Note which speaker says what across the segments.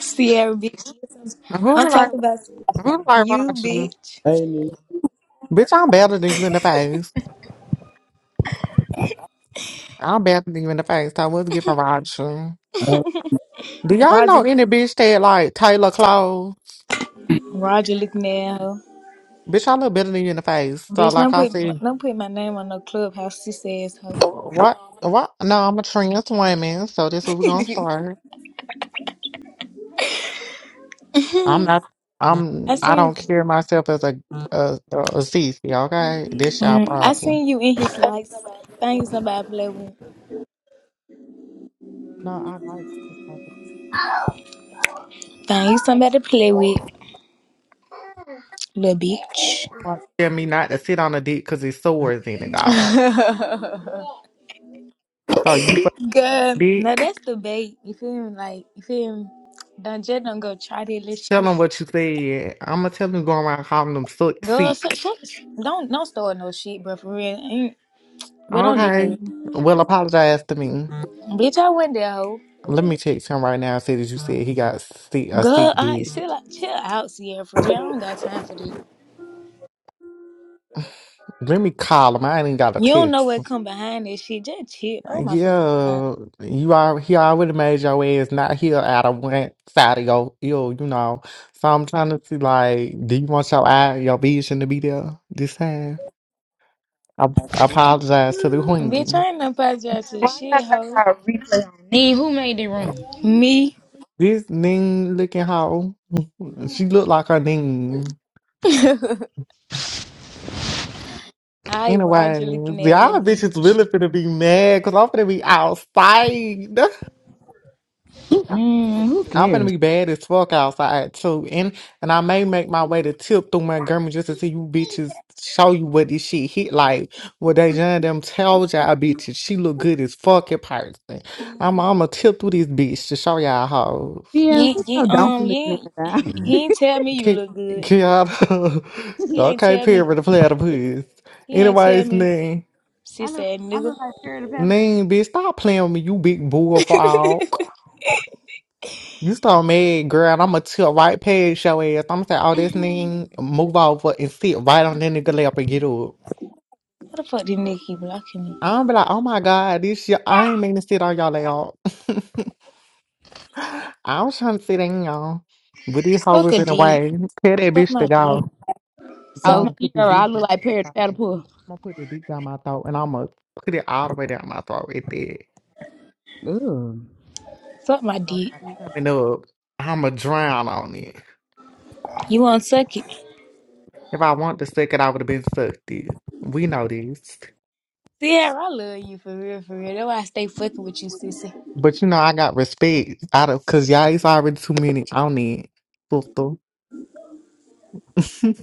Speaker 1: Sierra bitch.
Speaker 2: Who's
Speaker 1: I'm
Speaker 2: like,
Speaker 1: talking about
Speaker 2: who's like
Speaker 1: you,
Speaker 2: Roger?
Speaker 1: bitch.
Speaker 3: I need.
Speaker 2: Bitch, I'm better than you in the face. I'm better than you in the face. I was giving Roger.
Speaker 3: I
Speaker 2: Do y'all
Speaker 1: Roger,
Speaker 2: know any bitch that like Taylor clothes?
Speaker 1: Roger looking at her.
Speaker 2: Bitch, I look better than you in the face. So,
Speaker 1: Bitch,
Speaker 2: like
Speaker 1: don't
Speaker 2: I
Speaker 1: put
Speaker 2: said,
Speaker 1: don't put my name on no clubhouse. She says ho.
Speaker 2: what? What? No, I'm a trans woman, so this what we're gonna start. I'm not. I'm.
Speaker 1: I
Speaker 2: I
Speaker 1: seen
Speaker 2: don't care myself as a a, a sissy. Okay, this y'all
Speaker 1: mm, I
Speaker 2: problem.
Speaker 1: seen you in his likes. Find you somebody to play with.
Speaker 2: No, I like.
Speaker 1: Find you somebody to play with, little bitch.
Speaker 2: Tell me not to sit on a dick because it sores in it, dog. So you fuck
Speaker 1: Girl, now
Speaker 2: dick.
Speaker 1: that's the bait. You feel me? Like you feel me? Don't just don't go try that little
Speaker 2: Tell
Speaker 1: shit.
Speaker 2: them what you said. I'm gonna tell them going around calling them so-
Speaker 1: Girl,
Speaker 2: sick.
Speaker 1: shut, shut, don't don't start no shit, bro. For real, ain't, but don't do
Speaker 2: Okay.
Speaker 1: that.
Speaker 2: Well, apologize to me.
Speaker 1: Bitch, I went there, hoe.
Speaker 2: Let me text him right now and say that you said he got sick, a
Speaker 1: Girl,
Speaker 2: sick
Speaker 1: I
Speaker 2: dick.
Speaker 1: chill out, chill out, Sierra. For real, I don't got time for that.
Speaker 2: Let me call him. I ain't even got a
Speaker 1: You don't know
Speaker 2: text.
Speaker 1: what come behind this shit. Just chill. Oh my fucking god.
Speaker 2: Yeah, you are. He already made your ass not here out of one side of your ear, you know. So I'm trying to see, like, do you want your eye, your vision to be there this time? I, I apologize to the
Speaker 1: And bitch,
Speaker 2: queen.
Speaker 1: I ain't no apologize to the shit, hoe.
Speaker 4: Nee, who made the room?
Speaker 1: Me.
Speaker 2: This ning looking hoe. She look like her name.
Speaker 1: I
Speaker 2: Anyways,
Speaker 1: Roger looking at a little
Speaker 2: y'all
Speaker 1: bit.
Speaker 2: bitches really finna be mad because I'm finna be outside.
Speaker 4: Man, who
Speaker 2: I'm finna
Speaker 4: cares?
Speaker 2: be bad as fuck outside too. And and I may make my way to tip through Montgomery just to see you bitches show you what this shit hit like. What they done them told y'all bitches. She look good as fuck in person. I'm I'ma tip through this bitch to show y'all how
Speaker 1: You
Speaker 4: Sierra, sit
Speaker 1: ain't, you,
Speaker 4: your donkey
Speaker 1: um, you
Speaker 4: looking at
Speaker 1: ain't,
Speaker 4: that.
Speaker 1: he ain't tell me you
Speaker 2: kick
Speaker 1: look good.
Speaker 2: kick out
Speaker 1: He ain't
Speaker 2: Okay,
Speaker 1: tell me.
Speaker 2: period to play out of
Speaker 1: He ain't tell
Speaker 2: Anyways,
Speaker 1: me.
Speaker 2: Ning.
Speaker 4: I
Speaker 1: Sis
Speaker 4: look,
Speaker 1: ass
Speaker 4: I
Speaker 1: nigga.
Speaker 4: look like Perry the Paddle.
Speaker 2: Ning, bitch, stop playing with me, you big
Speaker 1: How
Speaker 2: bull frog. You so mad, girl, I'ma tilt right past your ass. I'ma say, oh, this nigga move over and sit right on that nigga lap and get up.
Speaker 1: the fuck This nigga keep blocking me?
Speaker 2: I'm be like, oh my God, this shit, I ain't mean to sit on y'all lap. I was trying to sit in y'all, but this hoe
Speaker 1: Suck a
Speaker 2: whipping
Speaker 1: dick.
Speaker 2: away. Tell that
Speaker 1: Suck
Speaker 2: bitch to
Speaker 1: my dick.
Speaker 2: go.
Speaker 1: Suck
Speaker 4: Oh,
Speaker 1: my,
Speaker 2: No, put the
Speaker 4: Sierra, I
Speaker 2: dick
Speaker 4: look
Speaker 2: down my
Speaker 4: like Perry the
Speaker 2: throat.
Speaker 4: Paddle.
Speaker 2: I'ma put the dick down my throat and I'ma put it all the way down my throat right there.
Speaker 4: Ugh.
Speaker 1: suck my
Speaker 2: No,
Speaker 1: dick.
Speaker 2: I'm coming up. I'ma drown on it.
Speaker 1: You want to suck it?
Speaker 2: If I want to suck it, I would have been sucked it. We know this.
Speaker 1: Sierra, I love you for real, for real. That's why I stay fucking with you, sissy.
Speaker 2: But you know, I got respect out of because y'all it's already too many on it. Sister.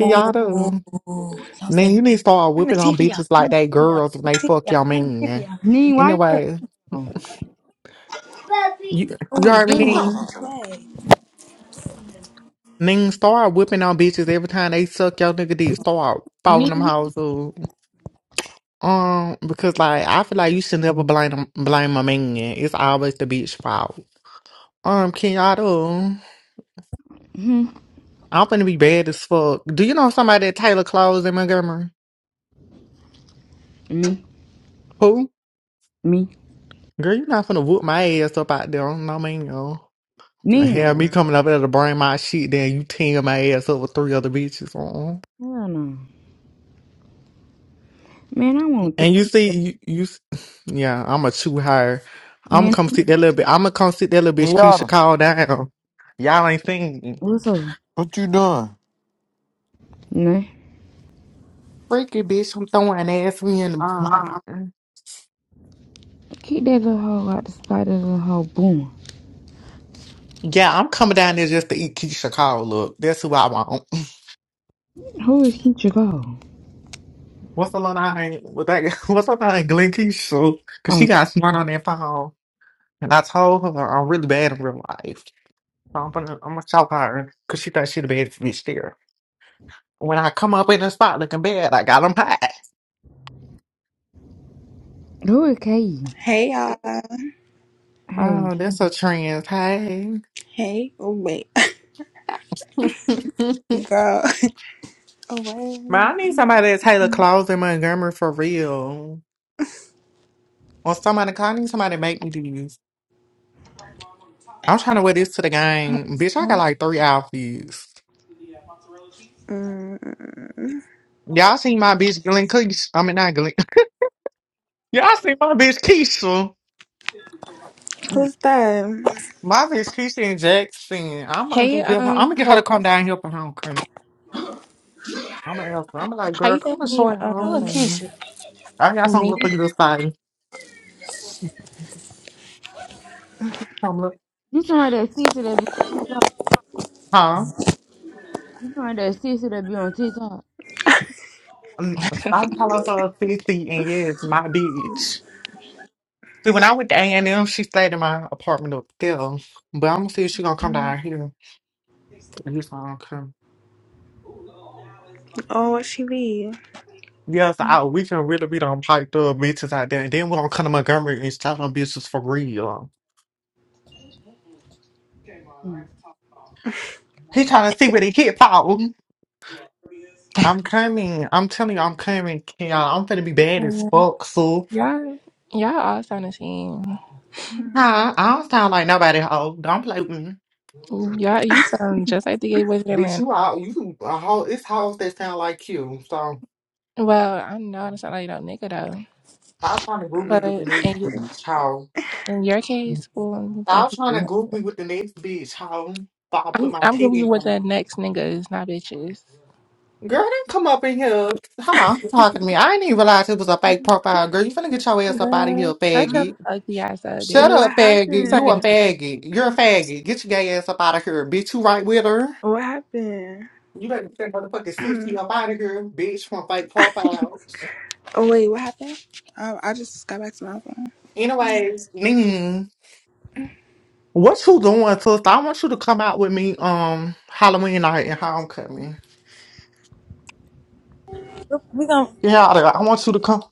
Speaker 1: Oh, don't
Speaker 2: Man,
Speaker 1: say
Speaker 2: you need to start
Speaker 1: turn the
Speaker 2: whipping on
Speaker 1: TV
Speaker 2: bitches
Speaker 1: off.
Speaker 2: like
Speaker 1: Turn
Speaker 2: they
Speaker 1: the
Speaker 2: girls when they
Speaker 1: TV
Speaker 2: fuck
Speaker 1: off.
Speaker 2: your
Speaker 1: Turn the
Speaker 2: man.
Speaker 1: TV off.
Speaker 4: Neen, why you
Speaker 2: Anyway,
Speaker 4: on?
Speaker 2: you you
Speaker 1: Turn the TV off. Oh,
Speaker 2: already
Speaker 1: Junior,
Speaker 2: need.
Speaker 1: wait.
Speaker 2: Then start whipping on bitches every time they suck your nigga dick. Start following them
Speaker 4: Neen,
Speaker 2: hoes up. Um, because like I feel like you should never blame them, blame a man. It's always the bitch fault. Um, Kenyatta,
Speaker 4: hmm,
Speaker 2: I'm finna be bad as fuck. Do you know somebody that Taylor Clothes in Montgomery?
Speaker 4: me,
Speaker 2: Who?
Speaker 4: me,
Speaker 2: Girl, you're not finna whoop my ass up out there. No, man, yo.
Speaker 5: to
Speaker 2: And
Speaker 5: me.
Speaker 4: Neen.
Speaker 5: what I
Speaker 2: have me
Speaker 5: went.
Speaker 2: coming up there to bring my shit, then you team my ass up with three other bitches. uh
Speaker 4: Hell no. Man, I want three.
Speaker 2: And you see, you, you, s- yeah, I'm a chew hire. I'm
Speaker 4: Man,
Speaker 2: come sit that little bit. I'm gonna come sit that little bitch
Speaker 5: Yeah,
Speaker 2: Keisha call down. Y'all ain't seen
Speaker 4: what's up?
Speaker 5: what you doing?
Speaker 4: Nah.
Speaker 2: freaky bitch. I'm throwing ass me in the.
Speaker 5: Uh,
Speaker 2: pond.
Speaker 4: Keep that little hoe out the spot that little hoe boom.
Speaker 2: Yeah, I'm coming down there just to eat Keisha call up. That's who I want.
Speaker 4: Who is Keisha Cole?
Speaker 2: What's her name? What's that? What's her name? Glen Keisha. Cause
Speaker 4: Oh,
Speaker 2: she got smart on that phone. And I told her I'm really bad in real life. So I'm gonna I'm gonna shout her because she thinks she the baddest bitch there. When I come up in the spot looking bad, I got 'em them high.
Speaker 4: who is Katie?
Speaker 6: Hey y'all.
Speaker 4: Hey,
Speaker 2: Oh, that's a trend. Hey.
Speaker 6: Hey. Oh wait.
Speaker 2: but
Speaker 6: Girl. Oh wait.
Speaker 2: I need somebody to tailor clothes in Montgomery for real. Or somebody, I need somebody to make me these. I'm trying to wear this to the game. Bitch, I got like three outfits.
Speaker 6: Mm,
Speaker 2: Y'all seen my bitch Glenn Keisha. I mean, not Glenn. Y'all seen my bitch Keisha.
Speaker 6: who's that?
Speaker 2: Marvin's Keisha and Jackson. I'm gonna
Speaker 7: Hey,
Speaker 2: just get her.
Speaker 7: um,
Speaker 2: I'm gonna get her to come
Speaker 7: host,
Speaker 2: down here for homecoming. I'm gonna ask her. I'm like,
Speaker 7: how
Speaker 2: girl,
Speaker 7: you gonna
Speaker 2: come and show
Speaker 7: name
Speaker 2: her
Speaker 1: Oh,
Speaker 7: um
Speaker 2: homecoming.
Speaker 1: Keisha,
Speaker 2: I got something for
Speaker 7: me?
Speaker 2: you to sign. Come look,
Speaker 4: you somebody that sees it that be
Speaker 2: huh?
Speaker 4: You find that sissy that be on TikTok.
Speaker 2: Um, I'm calling for a sissy, and yes, my bitch. See, when I went to A and M, she stayed in my apartment upstairs. But I'm gonna see if she gonna come
Speaker 6: Mm,
Speaker 2: down here. And you gonna come.
Speaker 6: Oh, what she leave?
Speaker 2: Yes,
Speaker 6: Mm,
Speaker 2: I, we can really be done piped up bitches out there. And then we're gonna come to Montgomery and start on bitches for real.
Speaker 4: Mm.
Speaker 2: He trying to see where they hit, Paul. I'm coming. I'm telling you, I'm coming, y'all. I'm finna be bad as
Speaker 7: Um,
Speaker 2: fuck, so.
Speaker 7: y'all, y'all all sound the same.
Speaker 2: Huh? I don't sound like nobody, hoe. Don't play with me.
Speaker 7: Y'all, you sound just like the gay boys in
Speaker 2: Bitch,
Speaker 7: Atlanta.
Speaker 2: you all, you a hoe. It's hoes that sound like you. So,
Speaker 7: Well, I know I don't sound like no nigga though,
Speaker 2: stop trying to group me with the
Speaker 7: but
Speaker 2: next
Speaker 7: in your,
Speaker 2: bitch, hoe.
Speaker 7: in your case, well, that's
Speaker 2: Stop
Speaker 7: what
Speaker 2: trying
Speaker 7: you
Speaker 2: to
Speaker 7: do.
Speaker 2: group me with the next bitch, hoe. So I put
Speaker 7: I'm
Speaker 2: my
Speaker 7: I'm gonna
Speaker 2: titty
Speaker 7: be
Speaker 2: in
Speaker 7: with
Speaker 2: her.
Speaker 7: the next niggas, not bitches.
Speaker 2: Girl, don't come up in here. Hello, talking to me. I didn't even realize it was a fake profile. Girl, you finna get your ass up out of here,
Speaker 7: Girl, shut your
Speaker 2: faggot.
Speaker 7: ugly ass up,
Speaker 6: oh,
Speaker 2: Shut
Speaker 7: bitch.
Speaker 6: What
Speaker 2: up,
Speaker 7: You
Speaker 2: faggot. You
Speaker 7: sucking
Speaker 2: a
Speaker 6: happened?
Speaker 2: faggot. You're a faggot. Get your gay ass up out of here, bitch. You right with her?
Speaker 6: Oh, What happened?
Speaker 2: You better send motherfucking 60 up out of here, bitch, from fake profiles.
Speaker 6: Oh wait, what happened? Um, I just got back to my phone.
Speaker 2: Anyways, Ning, what you doing, sister? I want you to come out with me um Halloween night and homecoming.
Speaker 1: we gonna
Speaker 2: Yeah, I I want you to come.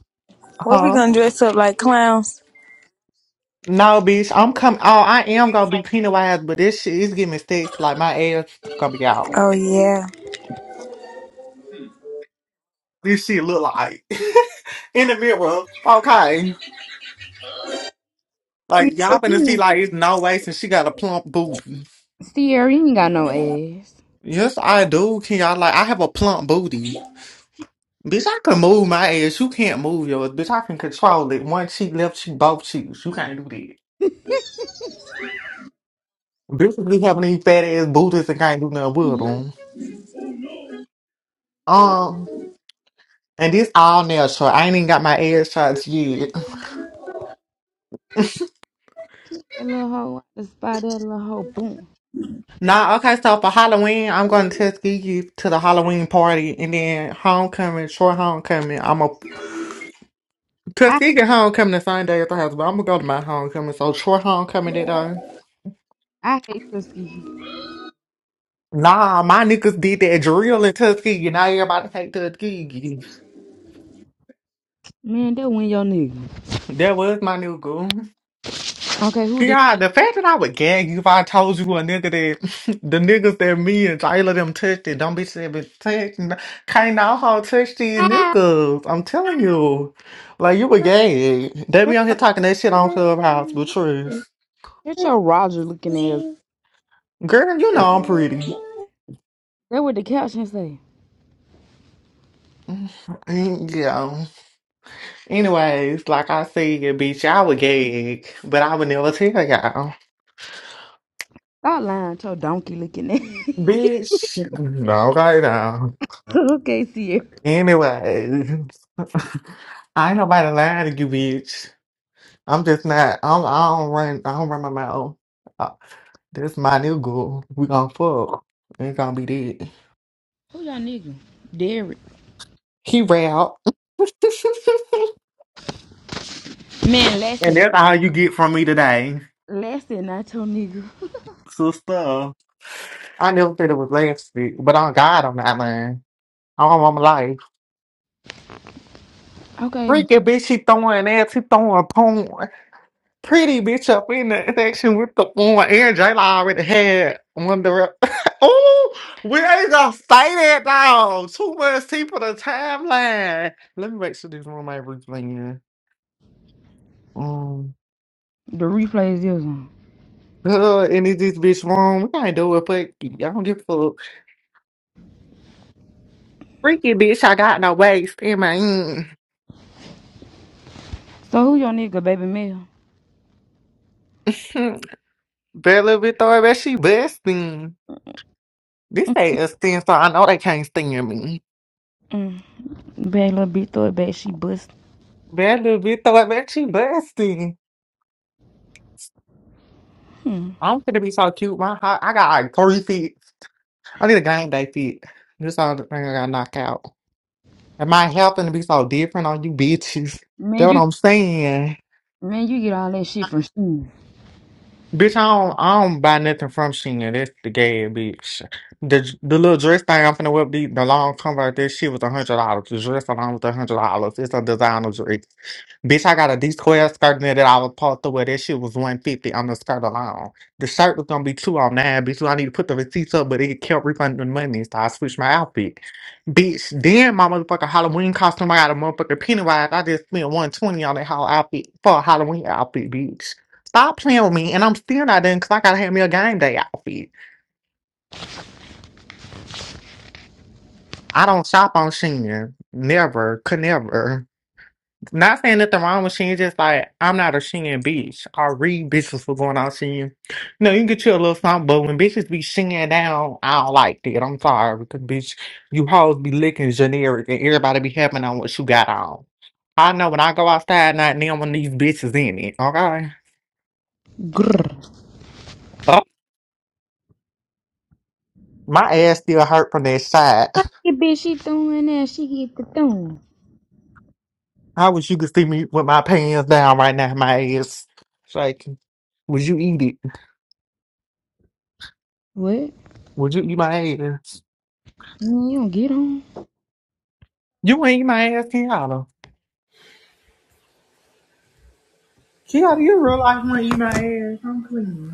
Speaker 1: what we
Speaker 2: Huh?
Speaker 1: gonna dress up like clowns?
Speaker 2: No, bitch, I'm coming. Oh, I am gonna be penalized, but this shit is getting stitched. Like my ass gonna be out.
Speaker 1: Oh yeah.
Speaker 2: This shit look like in the mirror. Okay, like
Speaker 4: Sierra,
Speaker 2: y'all
Speaker 4: you
Speaker 2: gonna see
Speaker 4: ain't
Speaker 2: like it's no waist and she got a plump booty.
Speaker 4: Sierra, you ain't got no ass.
Speaker 2: Yes, I do. Can y'all like? I have a plump booty. Bitch, I can move my ass. You can't move yours. Bitch, I can control it. One cheek, left cheek, both cheeks. You can't do that. Bitches be having these fat ass booties and can't do nothing with them. Um, and this all nail short. I ain't even got my ass shots yet.
Speaker 4: Kick That little hoe, out the spot that little hoe, boom.
Speaker 2: Nah, okay, so for Halloween, I'm going to Tuskegee to the Halloween party and then homecoming, short homecoming. I'm a
Speaker 4: I
Speaker 2: Tuskegee homecoming the same day as the house, but I'm gonna go to my homecoming. So short homecoming that day.
Speaker 4: I hate to
Speaker 2: Nah, my niggas did that drill in Tuskegee. Now everybody hate Tuskegee.
Speaker 4: Man, that win your nigga.
Speaker 2: That was my new goal.
Speaker 4: Okay, who did?
Speaker 2: God, the fact that I would gag you if I told you a nigga that the niggas that me and Jayla them touched it, dumb bitches that been touching, can't all how touch these niggas. I'm telling you, like you a gag. They be
Speaker 4: That's
Speaker 2: on here talking that shit on Clubhouse, but truth,
Speaker 4: that's your Roger looking ass.
Speaker 2: girl, you know I'm pretty.
Speaker 4: That what the caption say.
Speaker 2: Mm, Yeah. Anyways, like I said, bitch, y'all would gag, but I would never tell y'all.
Speaker 4: Stop lying to your donkey looking ass.
Speaker 2: Bitch, no, right now.
Speaker 4: okay, Sierra.
Speaker 2: Anyway, I ain't nobody lying to you, bitch. I'm just not. I'm, I don't run. I don't run my mouth. Uh, This my new girl. We gonna fuck. Ain't gonna be dead.
Speaker 4: Who your nigga? Derek.
Speaker 2: He out.
Speaker 4: Man, last
Speaker 2: and
Speaker 4: and
Speaker 2: that's all you get from me today,
Speaker 4: last and not your nigga.
Speaker 2: sister. I never said it was last week, but on God, I'm not lying. I don't want my life.
Speaker 4: Okay,
Speaker 2: Freaky bitch, she throwing ass. She throwing porn. pretty bitch up in the section with the one and J I already had one direct. Ooh, we ain't gonna say that dog. Too much tea for the timeline. Let me make sure this room ain't replaying. Um,
Speaker 4: the replay is yours. on.
Speaker 2: uh, and is this bitch wrong? We can't do it, but I don't give a fuck. Freaky bitch, I got no waist in my end.
Speaker 4: So who your nigga, baby Mel?
Speaker 2: Bella Victoria, but she busting. This ain't a sting, so I know they can't sting me.
Speaker 4: Mm. Bang little bitch, throw it back. She bust.
Speaker 2: Bella Victoria, but she busting.
Speaker 4: Hmm.
Speaker 2: I'm gonna be so cute. My hot, I got like three feet. I need a game day feet. This all the thing I got knocked out. Am I helping to be so different on you bitches? That
Speaker 4: Man,
Speaker 2: what
Speaker 4: you
Speaker 2: I'm saying.
Speaker 4: man, you get all that shit from school.
Speaker 2: Bitch, I don't, I don't buy nothing from Shein. That's the gay bitch. The the little dress thing I'm finna whip the, the long convert. That shit was a hundred dollars. The dress alone was a hundred dollars. It's a designer dress. Bitch, I got a D twelve skirt in there that I was supposed to wear. That shit was one fifty on the skirt alone. The shirt was gonna be two on nine, bitch. So I need to put the receipts up, but it kept refunding money, so I switched my outfit. Bitch, then my motherfucking Halloween costume, I got a motherfucking Pennywise. I just spent one twenty on that whole outfit for a Halloween outfit, bitch. Stop playing with me, and I'm still not in because I gotta have me a game day outfit. I don't shop on Shein. Never, could never. Not saying nothing wrong with Shein, just like I'm not a Shein bitch. I read bitches for going on Shein. No, you can get you a little something, but when bitches be Shein down, I don't like that. I'm sorry, because bitch, you hoes be licking generic and everybody be having on what you got on. I know when I go outside, not now when these bitches in it, okay?
Speaker 4: Grr.
Speaker 2: Oh, my ass still hurt from that shot.
Speaker 4: Fuck the bitch, she throwing that. She get the throwing.
Speaker 2: I wish you could see me with my pants down right now, my ass. shaking. would you eat it?
Speaker 4: What?
Speaker 2: Would you eat my ass?
Speaker 4: Man, you don't get on.
Speaker 2: You ain't eat my ass, Kiana. Kiara, you real life want to eat my ass. I'm clean.